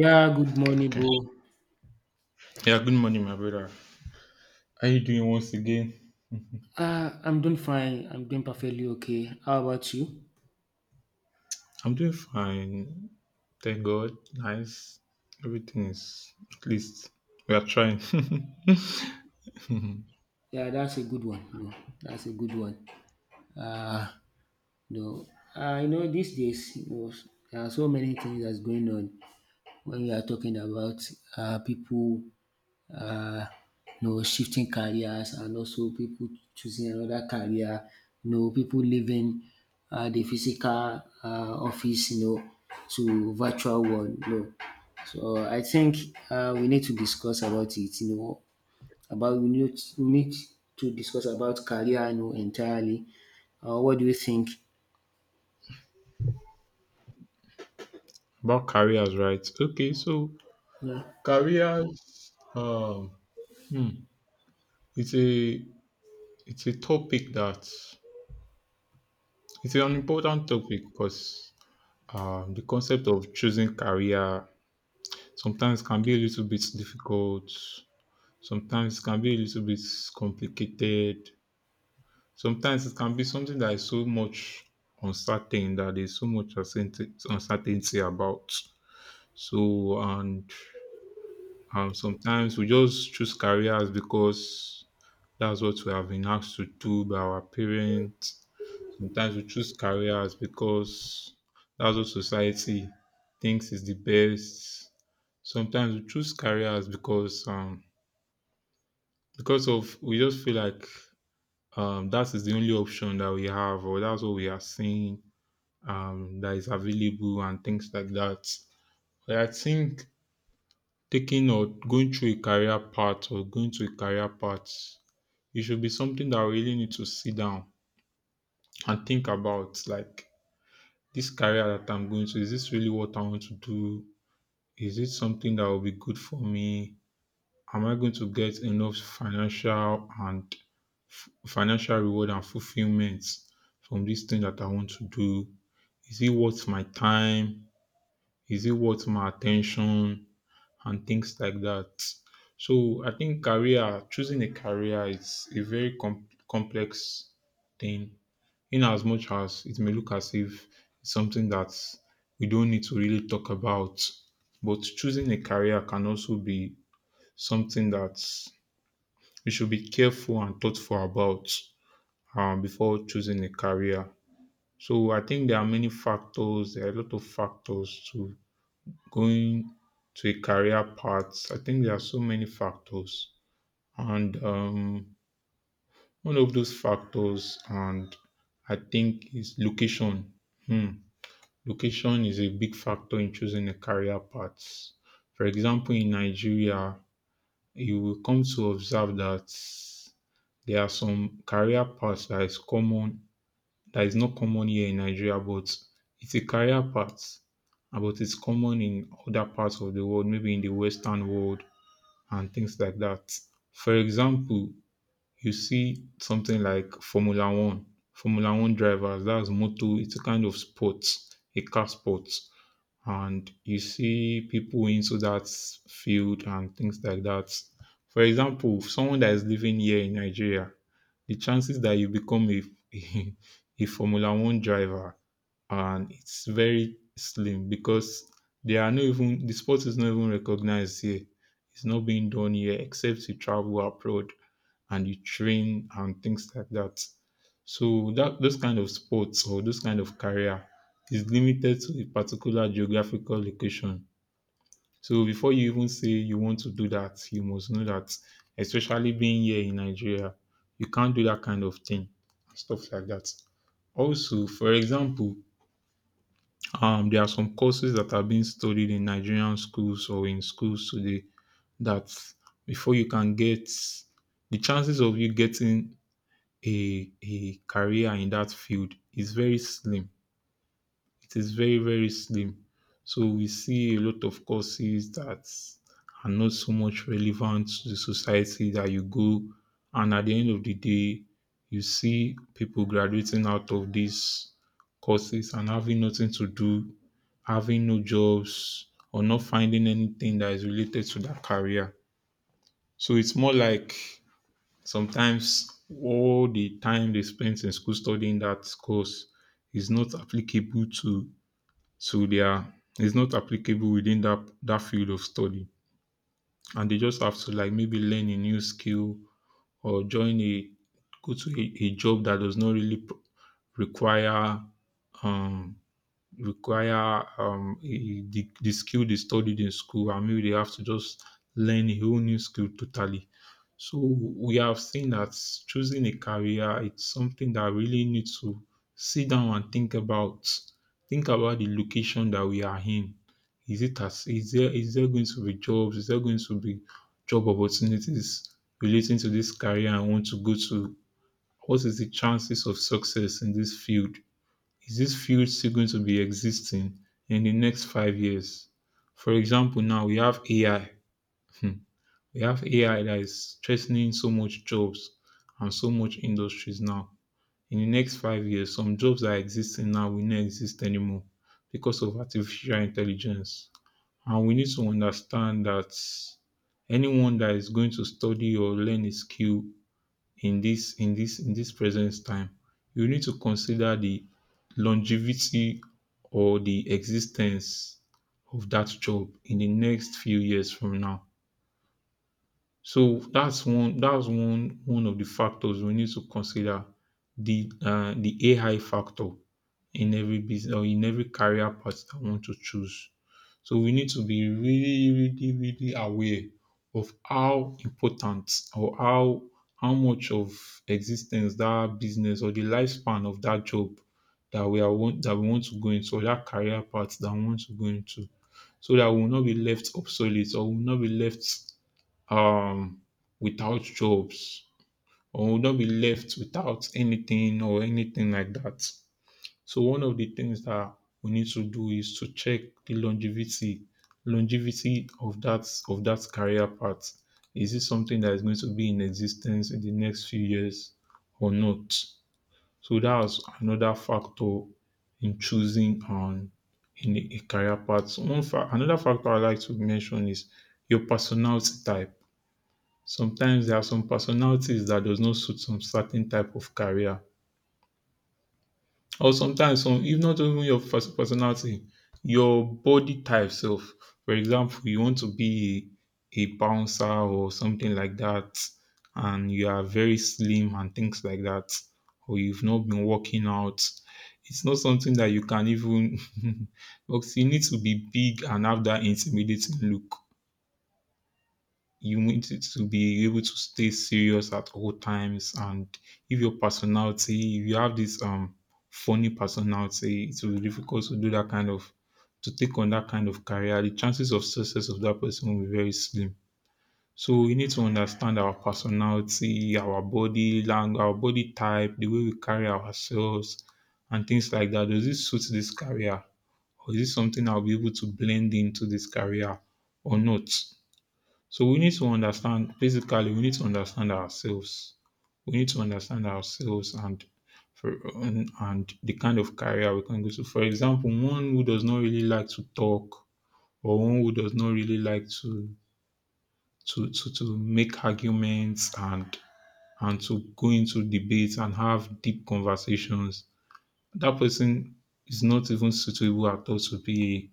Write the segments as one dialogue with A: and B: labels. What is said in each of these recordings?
A: Yeah, good morning,
B: Okay.
A: bro.
B: Yeah, good morning, my brother. How you doing once again?
A: I'm doing fine. I'm doing perfectly okay. How about you?
B: I'm doing fine. Thank God. Nice. Everything is, at least we are trying.
A: Yeah, that's a good one. No, that's a good one. Uh, no, I know these days, you know, there are so many things that's going on when we are talking about people uh, you know, shifting careers, and also people choosing another career. You know, people leaving the physical office, you know, to virtual world, you know. So I think we need to discuss about it, you know, about we need to discuss about career, you know, entirely. What do you think?
B: About careers, right? Okay, so
A: Yeah.
B: careers, hmm, it's a it's a topic that, it's an important topic because the concept of choosing career sometimes can be a little bit difficult, sometimes can be a little bit complicated. Sometimes it can be something that is so much uncertain, that there's so much uncertainty about. So, and sometimes we just choose careers because that's what we have been asked to do by our parents. Sometimes we choose careers because that's what society thinks is the best. Sometimes we choose careers because of, we just feel like that is the only option that we have, or that's what we are seeing, that is available, and things like that. But I think taking or going through a career path, or going to a career path, it should be something that I really need to sit down and think about. Like, this career that I'm going to, is this really what I want to do? Is it something that will be good for me? Am I going to get enough financial and financial reward and fulfillment from this thing that I want to do? Is it worth my time? Is it worth my attention? And things like that. So I think career, choosing a career, is a very complex thing, in as much as it may look as if it's something that we don't need to really talk about. But choosing a career can also be something that we should be careful and thoughtful about, before choosing a career. So I think there are many factors, there are a lot of factors to going to a career path. I think there are so many factors, and, one of those factors, and I think, is location. Hmm. Location is a big factor in choosing a career path. For example, in Nigeria, you will come to observe that there are some career paths that is common, that is not common here in Nigeria, but it's a career path. But it's common in other parts of the world, maybe in the Western world, and things like that. For example, you see something like Formula One. Formula One drivers, that's moto, it's a kind of sport, a car sport, and you see people into that field and things like that. For example, someone that is living here in Nigeria, the chances that you become a a Formula One driver, and it's very slim, because they are not even, the sport is not even recognized here. It's not being done here except you travel abroad and you train and things like that. So that, those kind of sports or those kind of career, is limited to a particular geographical location. So before you even say you want to do that, you must know that, especially being here in Nigeria, you can't do that kind of thing, and stuff like that. Also, for example, there are some courses that are being studied in Nigerian schools, or in schools today, that before you can get, the chances of you getting a career in that field is very slim. It is very very slim. So we see a lot of courses that are not so much relevant to the society that you go, and at the end of the day, you see people graduating out of these courses and having nothing to do, having no jobs, or not finding anything that is related to their career. So it's more like, sometimes all the time they spent in school studying that course is not applicable to, so they are, it's not applicable within that field of study. And they just have to, like, maybe learn a new skill, or join a, go to a job that does not really require, um require, a, the skill they studied in school, and maybe they have to just learn a whole new skill totally. So we have seen that choosing a career, it's something that really need to sit down and think about. Think about the location that we are in. Is it as, is there, is there going to be jobs? Is there going to be job opportunities relating to this career I want to go to? What is the chances of success in this field? Is this field still going to be existing in the next 5 years? For example, now we have AI, we have AI that is threatening so much jobs and so much industries now. In the next 5 years, some jobs that are existing now will not exist anymore because of artificial intelligence. And we need to understand that anyone that is going to study or learn a skill in this present time, you need to consider the longevity, or the existence of that job in the next few years from now. So that's one, one of the factors we need to consider, the AI factor in every business or in every career path I want to choose. So we need to be really, really, really aware of how important, or how much of existence that business, or the lifespan of that job that we want to go into, or that career path that we want to go into, so that we will not be left obsolete, or we will not be left um without jobs, or will not be left without anything, or anything like that. So one of the things that we need to do is to check the longevity, longevity of that career path. Is it something that is going to be in existence in the next few years, or not? So that's another factor in choosing, in a career path. Another factor I like to mention is your personality type. Sometimes there are some personalities that does not suit some certain type of career, or sometimes some, if not even your personality, your body type self. For example, you want to be a bouncer or something like that, and you are very slim and things like that, or you've not been working out. It's not something that you can even because you need to be big and have that intimidating look. You need to be able to stay serious at all times, and if your personality, if you have this funny personality, it's will be difficult to do that kind of, to take on that kind of career. The chances of success of that person will be very slim. So we need to understand our personality, our body language, our body type, the way we carry ourselves and things like that. Does this suit this career, or is this something I'll be able to blend into this career or not? So we need to understand, basically, we need to understand ourselves. We need to understand ourselves and for, and, and the kind of career we can go to. For example, one who does not really like to talk, or one who does not really like to, to make arguments, and to go into debates and have deep conversations, that person is not even suitable at all to be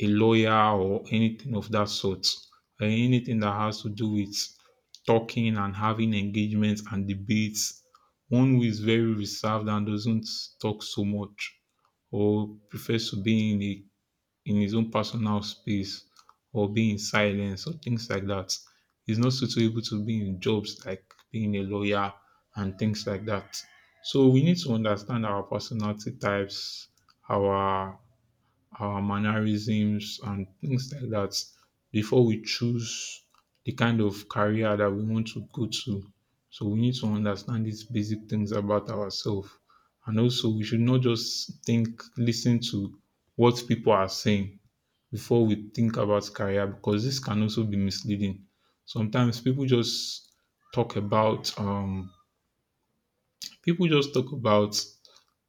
B: a lawyer or anything of that sort. Anything that has to do with talking and having engagements and debates. One who is very reserved and doesn't talk so much, or prefers to be in a, in his own personal space, or be in silence or things like that, is not suitable to be in jobs like being a lawyer and things like that. So we need to understand our personality types, our our mannerisms and things like that before we choose the kind of career that we want to go to. So we need to understand these basic things about ourselves. And also, we should not just think, listen to what people are saying before we think about career, because this can also be misleading. Sometimes people just talk about, people just talk about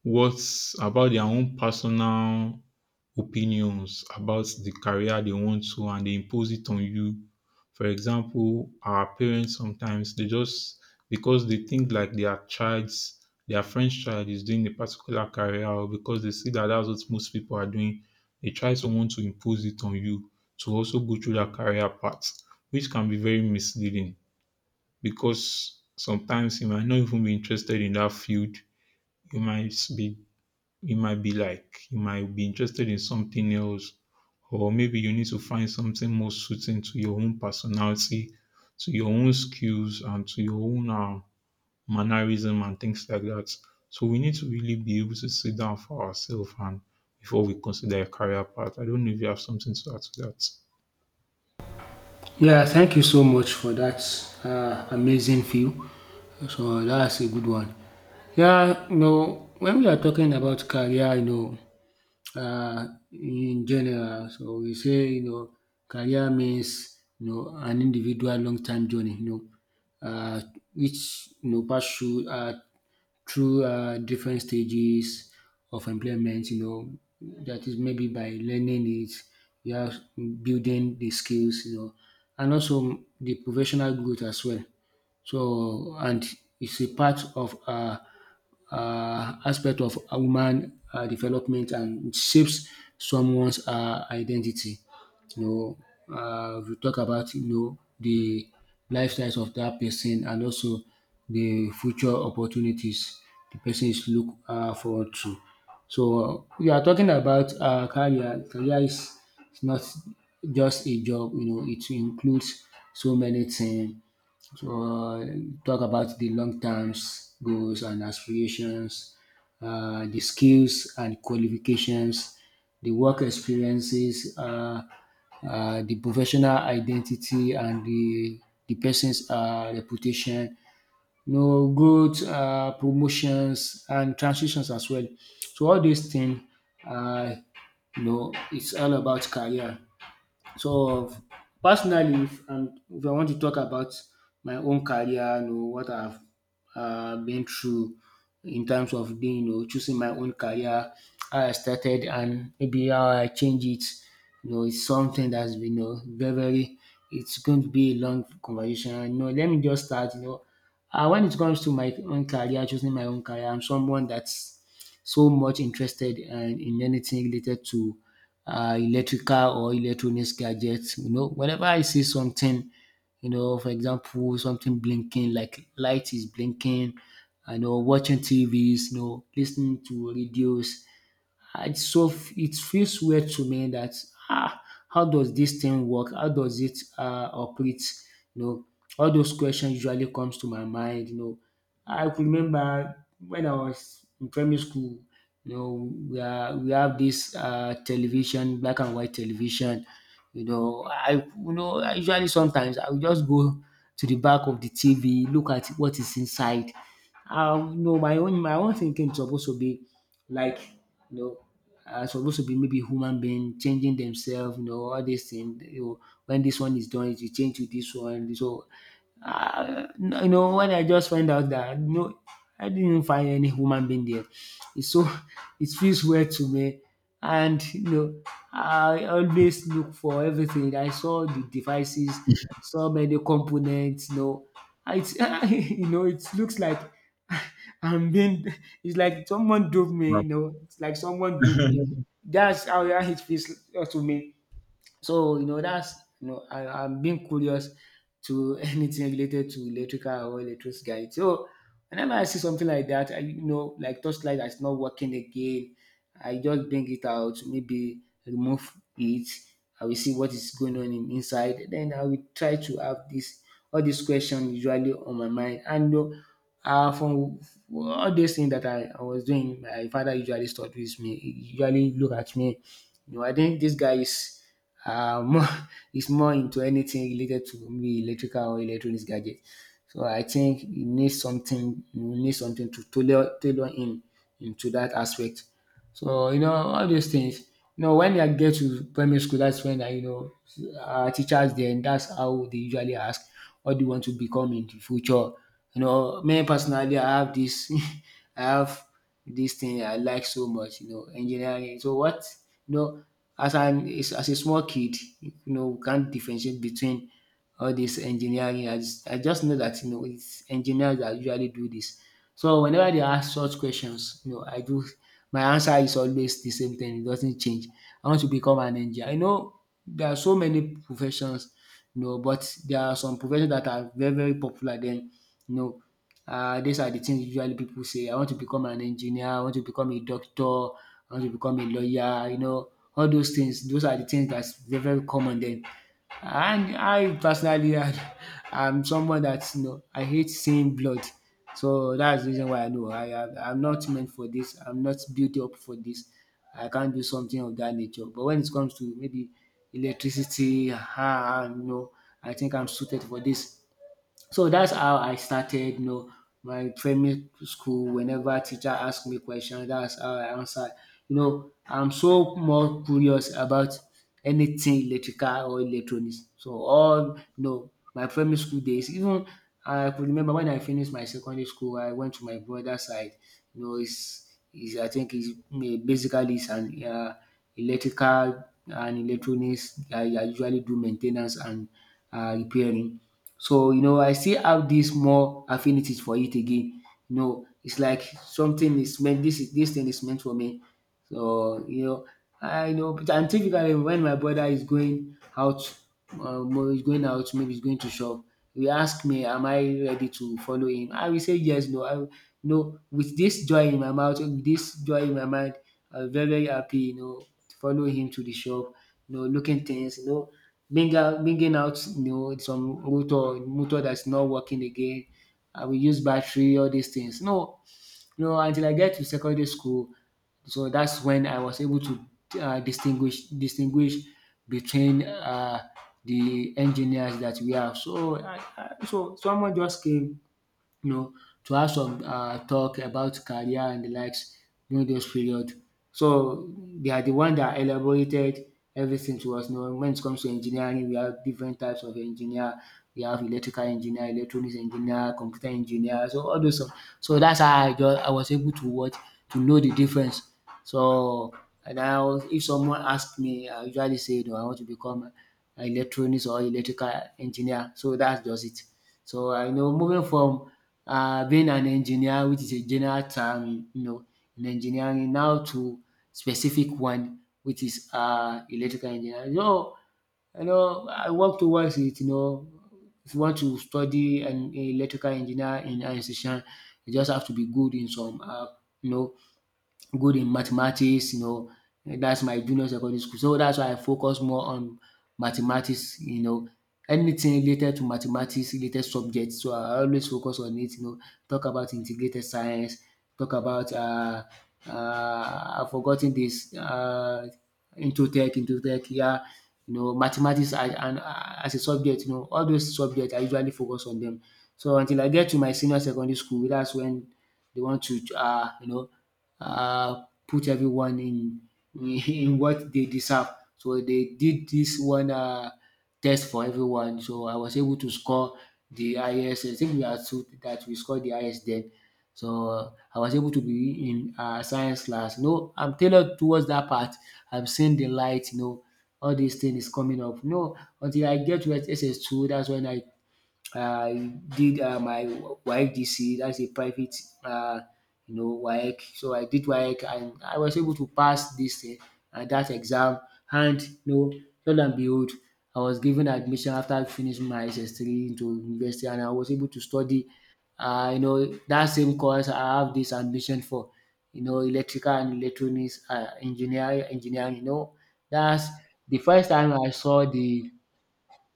B: what's about their own personal opinions about the career they want to, and they impose it on you. For example, our parents sometimes they just, because they think like their child's their French child is doing a particular career, or because they see that that's what most people are doing, they try someone to impose it on you to also go through that career path, which can be very misleading, because sometimes you might not even be interested in that field. You might be you might be like you might be interested in something else, or maybe you need to find something more suiting to your own personality, to your own skills, and to your own mannerism and things like that. So we need to really be able to sit down for ourselves and before we consider a career path. I don't know if you have something to add to that.
A: Yeah, thank you so much for that amazing view. So that's a good one. Yeah, no, when we are talking about career, you know, uh, in general, so we say, you know, career means, you know, an individual long-term journey, you know, which, you know, pass through different stages of employment, you know, that is maybe by learning it, you are building the skills, you know, and also the professional growth as well. So, and it's a part of aspect of a woman development, and it shapes someone's identity. You know, we talk about, you know, the lifestyles of that person, and also the future opportunities the person is look forward to. So we are talking about career. Career is not just a job. You know, it includes so many things. So talk about the long terms goals and aspirations, the skills and qualifications, the work experiences, the professional identity, and the person's reputation, you know, growth, promotions, and transitions as well. So all these things, uh, you know, it's all about career. So personally, if I want to talk about my own career, you know what I've been through in terms of being, you know, choosing my own career, how I started, and maybe how I change it. You know, it's something that's been, you know, very, very. It's going to be a long conversation. You know, let me just start. You know, when it comes to my own career, choosing my own career, I'm someone that's so much interested and in anything related to electrical or electronics gadgets. You know, whenever I see something, you know, for example, something blinking, like light is blinking, I know watching TVs, you know, listening to radios. And so it feels weird to me that ah, how does this thing work? How does it operate? You know, all those questions usually comes to my mind. You know, I could remember when I was in primary school. You know, we are, we have this television, black and white television. You know, I usually sometimes I will just go to the back of the TV, look at what is inside. You know, my own thinking is supposed to be like, you know, are supposed to be maybe human being changing themselves, you know, all these things. You know, when this one is done, it will change to this one. So ah, no, you know, when I just find out that no, I didn't find any human being there. It's so it feels weird to me. And you know, I always look for everything. I saw the devices, so many components. You know, it's you know, it looks like I'm being. It's like someone duped me. You
B: Right.
A: know, it's like someone duped me. That's how it feels to me. So you know that's, you know, I, I'm being curious to anything related to electrical or electricity guide. So whenever I see something like that, I, you know, like torchlight that's not working again, I just bring it out, maybe remove it. I will see what is going on in, inside. Then I will try to have this, all these questions usually on my mind. And you know, from all these things that I was doing, my father usually stopped with me. He usually look at me. You know, I think this guy is more is more into anything related to maybe electrical or electronics gadget. So I think you need something to tailor in into that aspect. So you know all those things. You know, when I get to primary school, that's when I, you know, our teachers then, that's how they usually ask what do you want to become in the future. You know, me personally, I have this, I have this thing I like so much. You know, engineering. So what, you know, as an is as a small kid, you know, we can't differentiate between all this engineering. I just know that, you know, it's engineers that usually do this. So whenever they ask such questions, you know, I do my answer is always the same thing. It doesn't change. I want to become an engineer. I know there are so many professions, you know, but there are some professions that are very, very popular then, you know, these are the things usually people say. I want to become an engineer. I want to become a doctor. I want to become a lawyer. You know, all those things, those are the things that's very, very common then. And I personally, I, I'm someone that, you know, I hate seeing blood. So that's the reason why I know I'm not meant for this. I'm not built up for this. I can't do something of that nature. But when it comes to maybe electricity, ah, ah, you know, I think I'm suited for this. So that's how I started, you know, my primary school. Whenever teacher asked me question, that's how I answer. You know, I'm so more curious about anything electrical or electronics. So all, you know, my primary school days, even I could remember when I finished my secondary school, I went to my brother's side. You know, he's I think he's an electrical and electronics. I usually do maintenance and repairing. So you know, I still have this more affinities for it again. You know, it's like something is meant. This thing is meant for me. So you know, I know. But and typically, when my brother is going out, is going out, maybe he's going to shop. He ask me, "Am I ready to follow him?" I will say yes, no. I will- you with this joy in my mouth, with this joy in my mind, I'm very very happy. You know, to follow him to the shop. You know, looking things. You know, bring bringing out, you know, some motor that's not working again. I will use battery, all these things. No, you know, until I get to secondary school. So that's when I was able to distinguish between the engineers that we have. So so someone just came, you know, to have some talk about career and the likes during those period. So they are the one that elaborated everything to us. You know, when it comes to engineering, we have different types of engineer. We have electrical engineer, electronics engineer, computer engineer. So all those stuff. So that's how I just I was able to watch to know the difference. So and I was, if someone asked me, I usually say, no, I want to become an electronics or electrical engineer. So that's just it. So I know moving from being an engineer, which is a general term, you know, in engineering, now to specific one, which is electrical engineering. You know, I work towards it. You know, if you want to study an electrical engineer in an institution, you just have to be good in some, you know, good in mathematics, you know, that's my junior secondary school. So that's why I focus more on mathematics, you know. Anything related to mathematics related subjects. So I always focus on it, you know. Talk about integrated science, talk about I've forgot this Intro-Tech, into tech, yeah, you know, mathematics as and as a subject, you know, all those subjects I usually focus on them. So until I get to my senior secondary school, that's when they want to you know put everyone in what they deserve. So they did this one test for everyone. So I was able to score the highest. I think we are two that we scored the highest then. So I was able to be in science class. No, I'm tailored towards that part. I'm seeing the light. You know, all these things is coming up. No, until I get to SS2, that's when I did my WAEC, D C, that's a private, uh, you know, WAEC. So I did WAEC and I was able to pass this thing, that exam. And you know, lo and behold, I was given admission after finishing my SS3 into university, and I was able to study, you know, that same course I have this ambition for, you know, electrical and electronics engineer, engineering. You know, that's the first time I saw the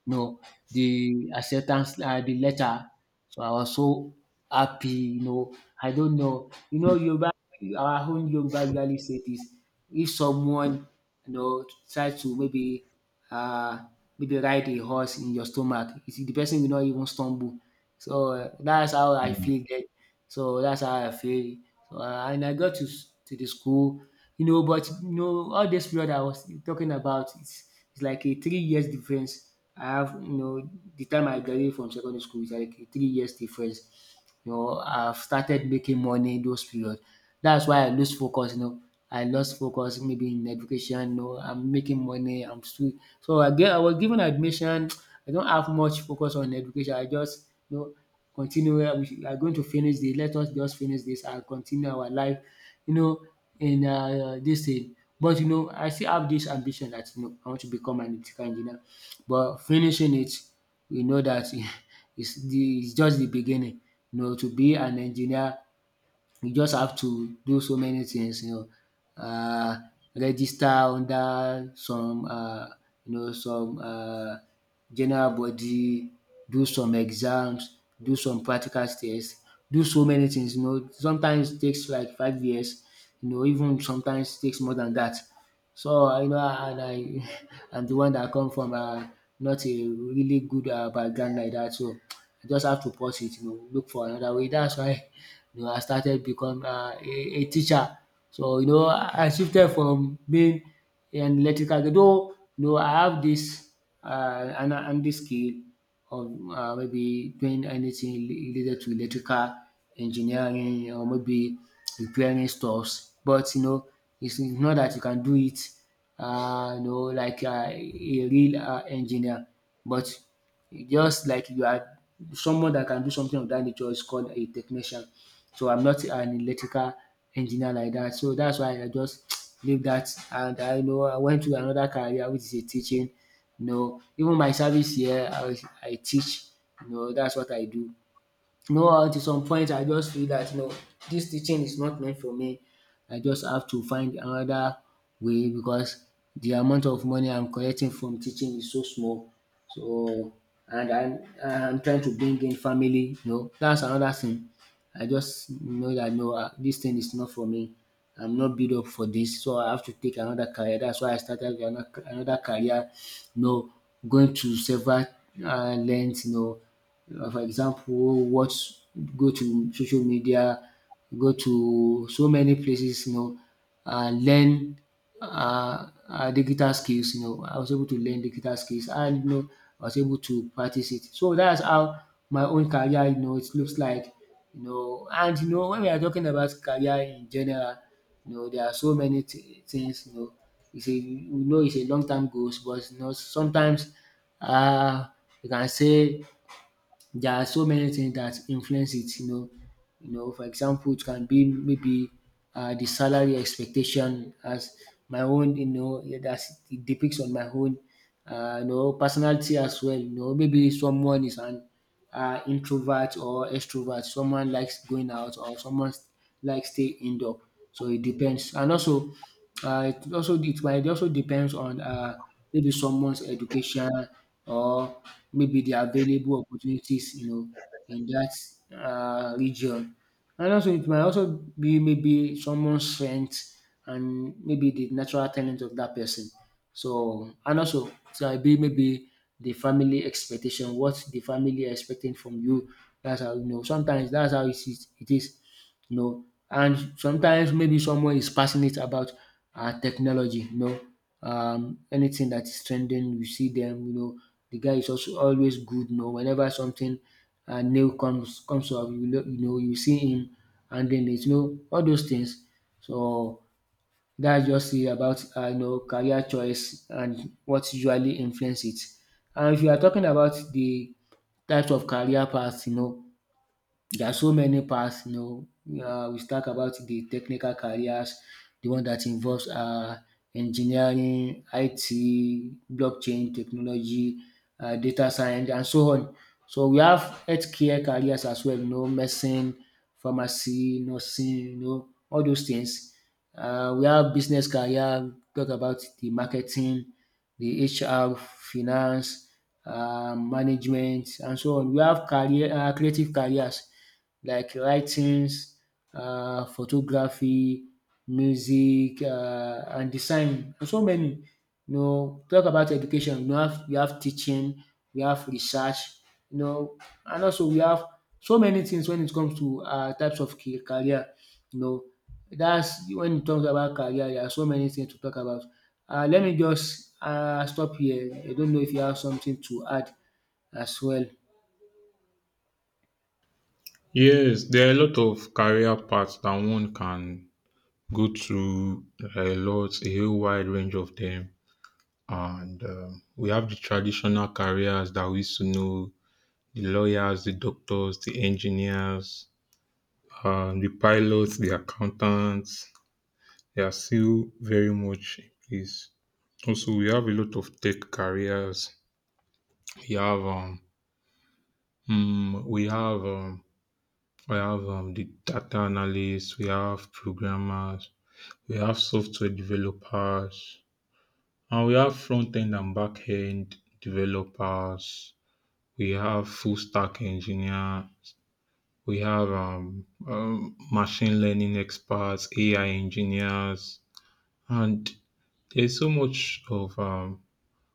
A: no, the acceptance, the letter. So I was so happy, you know. I don't know, you know, Yoruba, our own Yoruba usually say this: if someone, you know, tries to maybe, uh, maybe ride a horse in your stomach, you see, the person will not even stumble. That's how I feel. That so that's how I feel. And I got to to the school, you know. But you know, all this period I was talking about, it's like a 3 years difference. I have, you know, the time I graduated from secondary school is like a 3 years difference. You know, I've started making money in those period. That's why I lose focus. You know, I lost focus maybe in education. You know, I'm making money. I'm still so I was given admission. I don't have much focus on education. I just, you know, continue. We are going to finish this, let us just finish this and continue our life, you know, in dis thing. But you know, I still have this ambition that, you know, I want to become an electrical engineer. But finishing it, we know that, it's de is just the beginning. You know, to be an engineer, you just have to do so many things, you know. Register under some you know, some general body, do some exams, do some practical tests. Do so many things, you know, sometimes it takes like 5 years, you know. Even sometimes it takes more than that. You know, and I I'm the one that come from not a really good background like that. So I just have to pause it, you know, look for another way. That's why, you know, I started become a teacher. So you know, I shifted from being an electrical engineer. Though you know, I have this and this skill of maybe doing anything related to electrical engineering or maybe repairing stuffs. But you know, it's not that you can do it you know, like a real engineer, but just like you are someone that can do something of that nature is called a technician. So I'm not an electrical engineer like that. So that's why I just leave that, and I know I went to another career, which is a teaching. You know, even my service here I teach, you know, dat's what I do. You know what? At some point, I just feel that, you know, this teaching is not meant for me. I just have to find another way, because the amount of money I'm collecting from teaching is so small. So, and I'm trying to bring in family. You know, that's another thing. I just know that no, ah, this thing is not for me. I'm not built up for this, so I have to take another career. That's why I started another career. You know, going to several lengths. You know, for example, watch, go to social media, go to so many places, you know, and learn digital skills. You know, I was able to learn digital skills, and you know, I was able to practice it. So that's how my own career, you know, it looks like. You know, and you know, when we are talking about career in general, you know, there are so many things. You know, it's a, we know it's a long term goals, but you know, sometimes uh, you can say there are so many things that influence it, you know. You know, for example, it can be maybe the salary expectation as my own, you know, that it depicts on my own, you know, personality as well. You know, maybe someone is an introvert or extrovert. Someone likes going out or someone likes stay indoor. So it depends. And also, it also it might also depends on maybe someone's education, or maybe the available opportunities, you know, in that region. And also, it might also be maybe someone's strength, and maybe the natural talent of that person. So, and also, so it might be maybe the family expectation, what the family are expecting from you. That's how you know. Sometimes that's how it is. It is, you know. And sometimes maybe someone is passionate about technology, you know, anything that is trending, you see them, you know. The guy is also always good, you know. Whenever something new comes up, you know, you know, you see him handling it, you know, all those things. So that's just it about you know, career choice and what usually influence it. And if you are talking about the types of career paths, you know, there are so many paths, you know. We talk about the technical careers, the one that involves engineering, IT, blockchain technology, data science, and so on. So we have healthcare careers as well, you know, medicine, pharmacy, nursing, you know, all those things. We have business career, talk about the marketing, the HR, finance, management and so on. We have career creative careers like writings, photography, music and design, and so many. You know, talk about education, you have teaching, we have research, you know, and also we have so many things when it comes to types of career. You know, that's, when it comes about career, there are so many things to talk about. Let me just stop here. I don't know if you have something to add as well.
B: Yes, there are a lot of career paths that one can go through, a lot, a whole wide range of them. And we have the traditional careers that we used to know: the lawyers, the doctors, the engineers, the pilots, the accountants. They are still very much in place. Also, we have a lot of tech careers. We have mm, we have the data analysts. We have programmers. We have software developers, and we have front end and back end developers. We have full stack engineer. We have machine learning experts, AI engineers, and there's so much of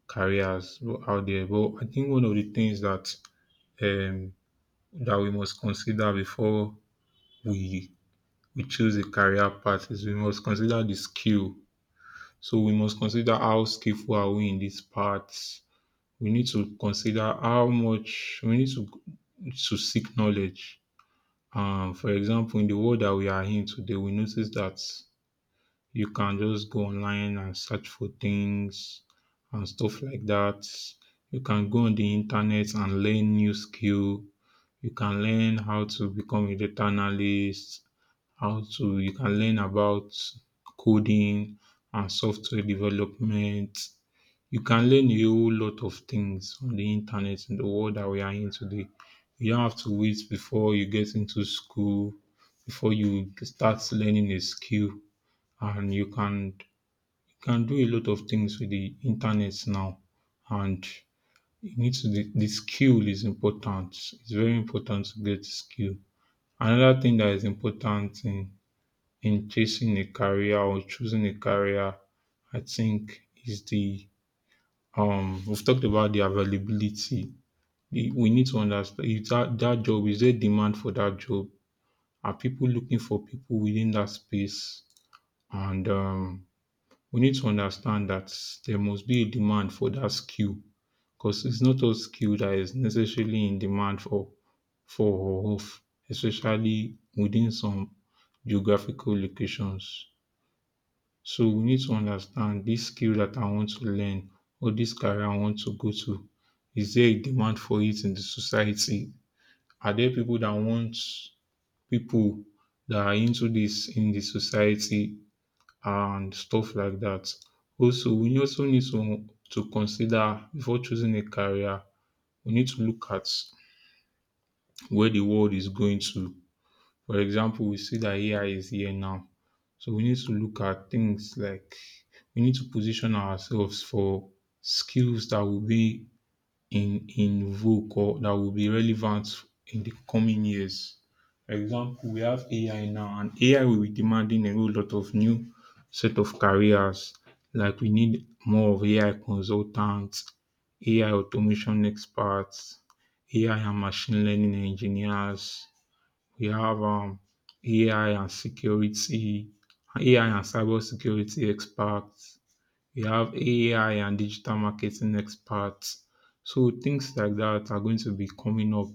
B: careers out there. But I think one of the things that um, that we must consider before we we choose a career path is we must consider the skill. So we must consider how skillful are we in these parts. We need to consider how much we need to seek knowledge. For example, in the world that we are in today, we notice that you can just go online and search for things and stuff like that. You can go on the internet and learn new skill. You can learn how to become a data analyst, how to, you can learn about coding and software development. You can learn a whole lot of things on the internet in the world that we are in today. You don't have to wait before you get into school, before you start learning a skill, and you can, you can do a lot of things with the internet now. And you need to, the skill is important. It's very important to get skill. Another thing that is important in chasing a career or choosing a career, I think, is the, we've talked about the availability. We need to understand is that, that job, is there demand for that job? Are people looking for people within that space? And we need to understand that there must be a demand for that skill because it's not all skill that is necessarily in demand for or of, especially within some geographical locations. So we need to understand this skill that I want to learn or this career I want to go to. Is there a demand for it in the society? Are there people that want people that are into this in the society and stuff like that? Also, we also need to consider before choosing a career, we need to look at where the world is going to. For example, we see that AI is here now. So we need to look at things like, we need to position ourselves for skills that will be in vogue or that will be relevant in the coming years. For example, we have AI now, and AI will be demanding a whole lot of new set of careers. Like we need more of AI consultants, AI automation experts, AI and machine learning engineers. We have AI and security, AI and cybersecurity experts. We have AI and digital marketing experts. So things like that are going to be coming up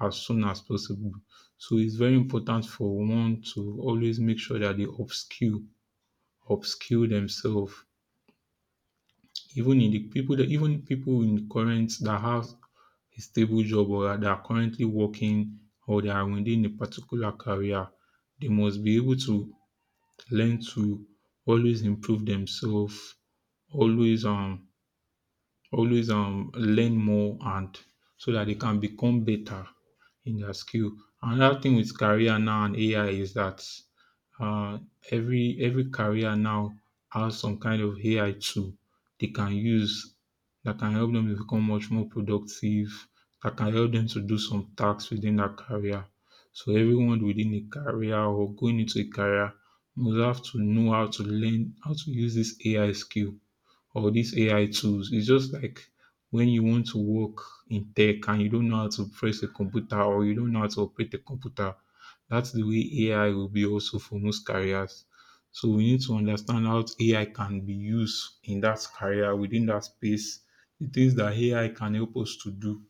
B: as soon as possible. So it's very important for one to always make sure that they upskill themselves. Even in the people that, even people in current that have a stable job or they are currently working or they are within a particular career, they must be able to learn to always improve themselves, always um always learn more and so that they can become better in their skill. Another thing with career now and AI is that uh, every career now has some kind of AI tool they can use that can help them to become much more productive, that can help them to do some tasks within their career. So everyone within a career or going into a career must have to know how to learn how to use this AI skill or these AI tools. It's just like when you want to work in tech and you don't know how to press a computer or you don't know how to operate a computer. That's the way AI will be also for most careers. So we need to understand how AI can be used in that career, within that space, the things that AI can help us to do,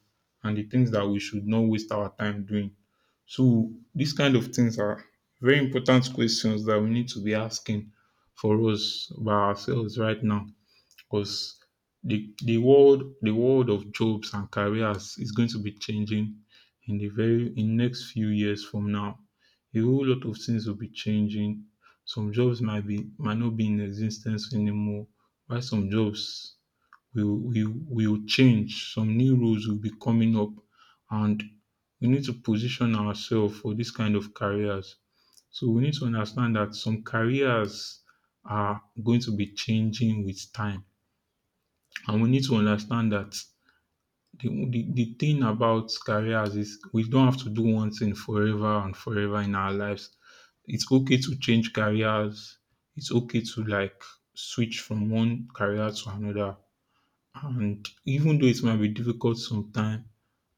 B: and the things that we should not waste our time doing. So these kind of things are very important questions that we need to be asking for us by ourselves right now, because the world, the world of jobs and careers is going to be changing in the very, in next few years from now. A whole lot of things will be changing. Some jobs might be, might not be in existence anymore, while some jobs will will change. Some new roles will be coming up, and we need to position ourselves for this kind of careers. So we need to understand that some careers are going to be changing with time. And we need to understand that the thing about careers is we don't have to do one thing forever and forever in our lives. It's okay to change careers. It's okay to like switch from one career to another. And even though it might be difficult sometimes,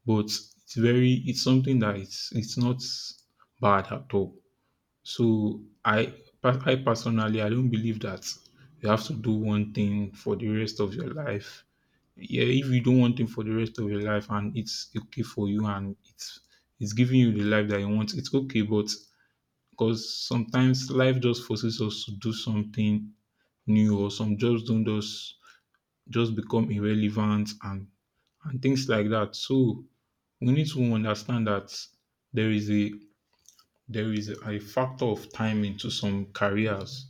B: but it's very, it's something that it's not bad at all. So I personally, I don't believe that you have to do one thing for the rest of your life. Yeah, if you don't want him for the rest of your life and it's okay for you and it's giving you the life that you want, it's okay. But because sometimes life just forces us to do something new or some jobs don't just become irrelevant and things like that. So we need to understand that there is a there is a factor of timing to some careers.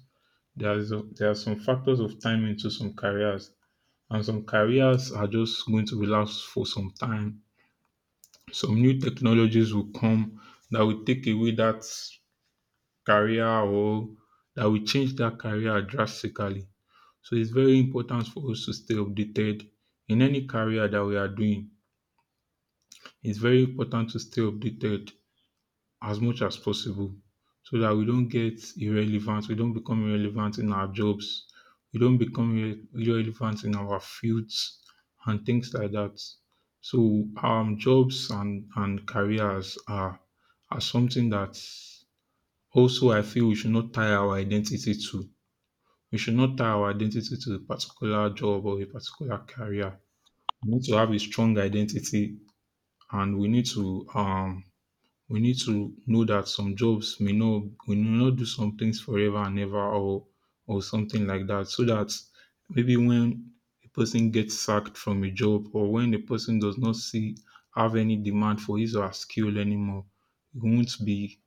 B: There are some factors of timing to some careers, and some careers are just going to be last for some time. Some new technologies will come that will take away that career or that will change that career drastically. So it's very important for us to stay updated in any career that we are doing. It's very important to stay updated as much as possible so that we don't get irrelevant, we don't become irrelevant in our jobs, we don't become irrelevant in our fields and things like that. So jobs and careers are something that also I feel we should not tie our identity to. We should not tie our identity to a particular job or a particular career. We need to have a strong identity, and we need to know that some jobs may not, we may not do some things forever and ever or something like that. So that maybe when a person gets sacked from a job or when a person does not see, have any demand for his or her skill anymore, he won't be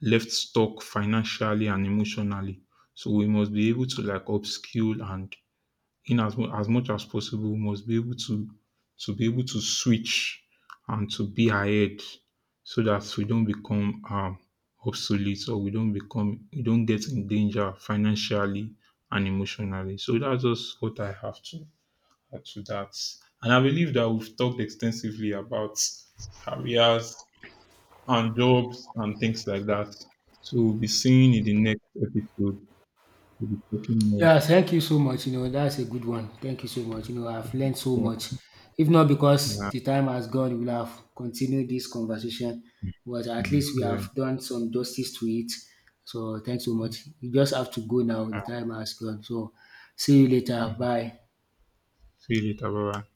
B: left stuck financially and emotionally. So we must be able to like upskill and in as, as much as possible, must be able to be able to switch and to be ahead so that we don't become obsolete, or we don't become, we don't get in danger financially and emotionally. So that's just what I have to add to that. And I believe that we've talked extensively about careers and jobs and things like that. So we'll be seeing in the next episode, we'll be talking more.
A: Yeah, thank you so much. You know, that's a good one. Thank you so much. You know, I've learned so
B: Yeah,
A: much. If not because
B: yeah.
A: the time has gone, we would have continued this conversation. But at
B: Mm,
A: least we
B: yeah.
A: have done some justice to it. So thanks so much. You just have to go now. The time has gone. So see you later.
B: Okay.
A: Bye.
B: Feel it, Ababa.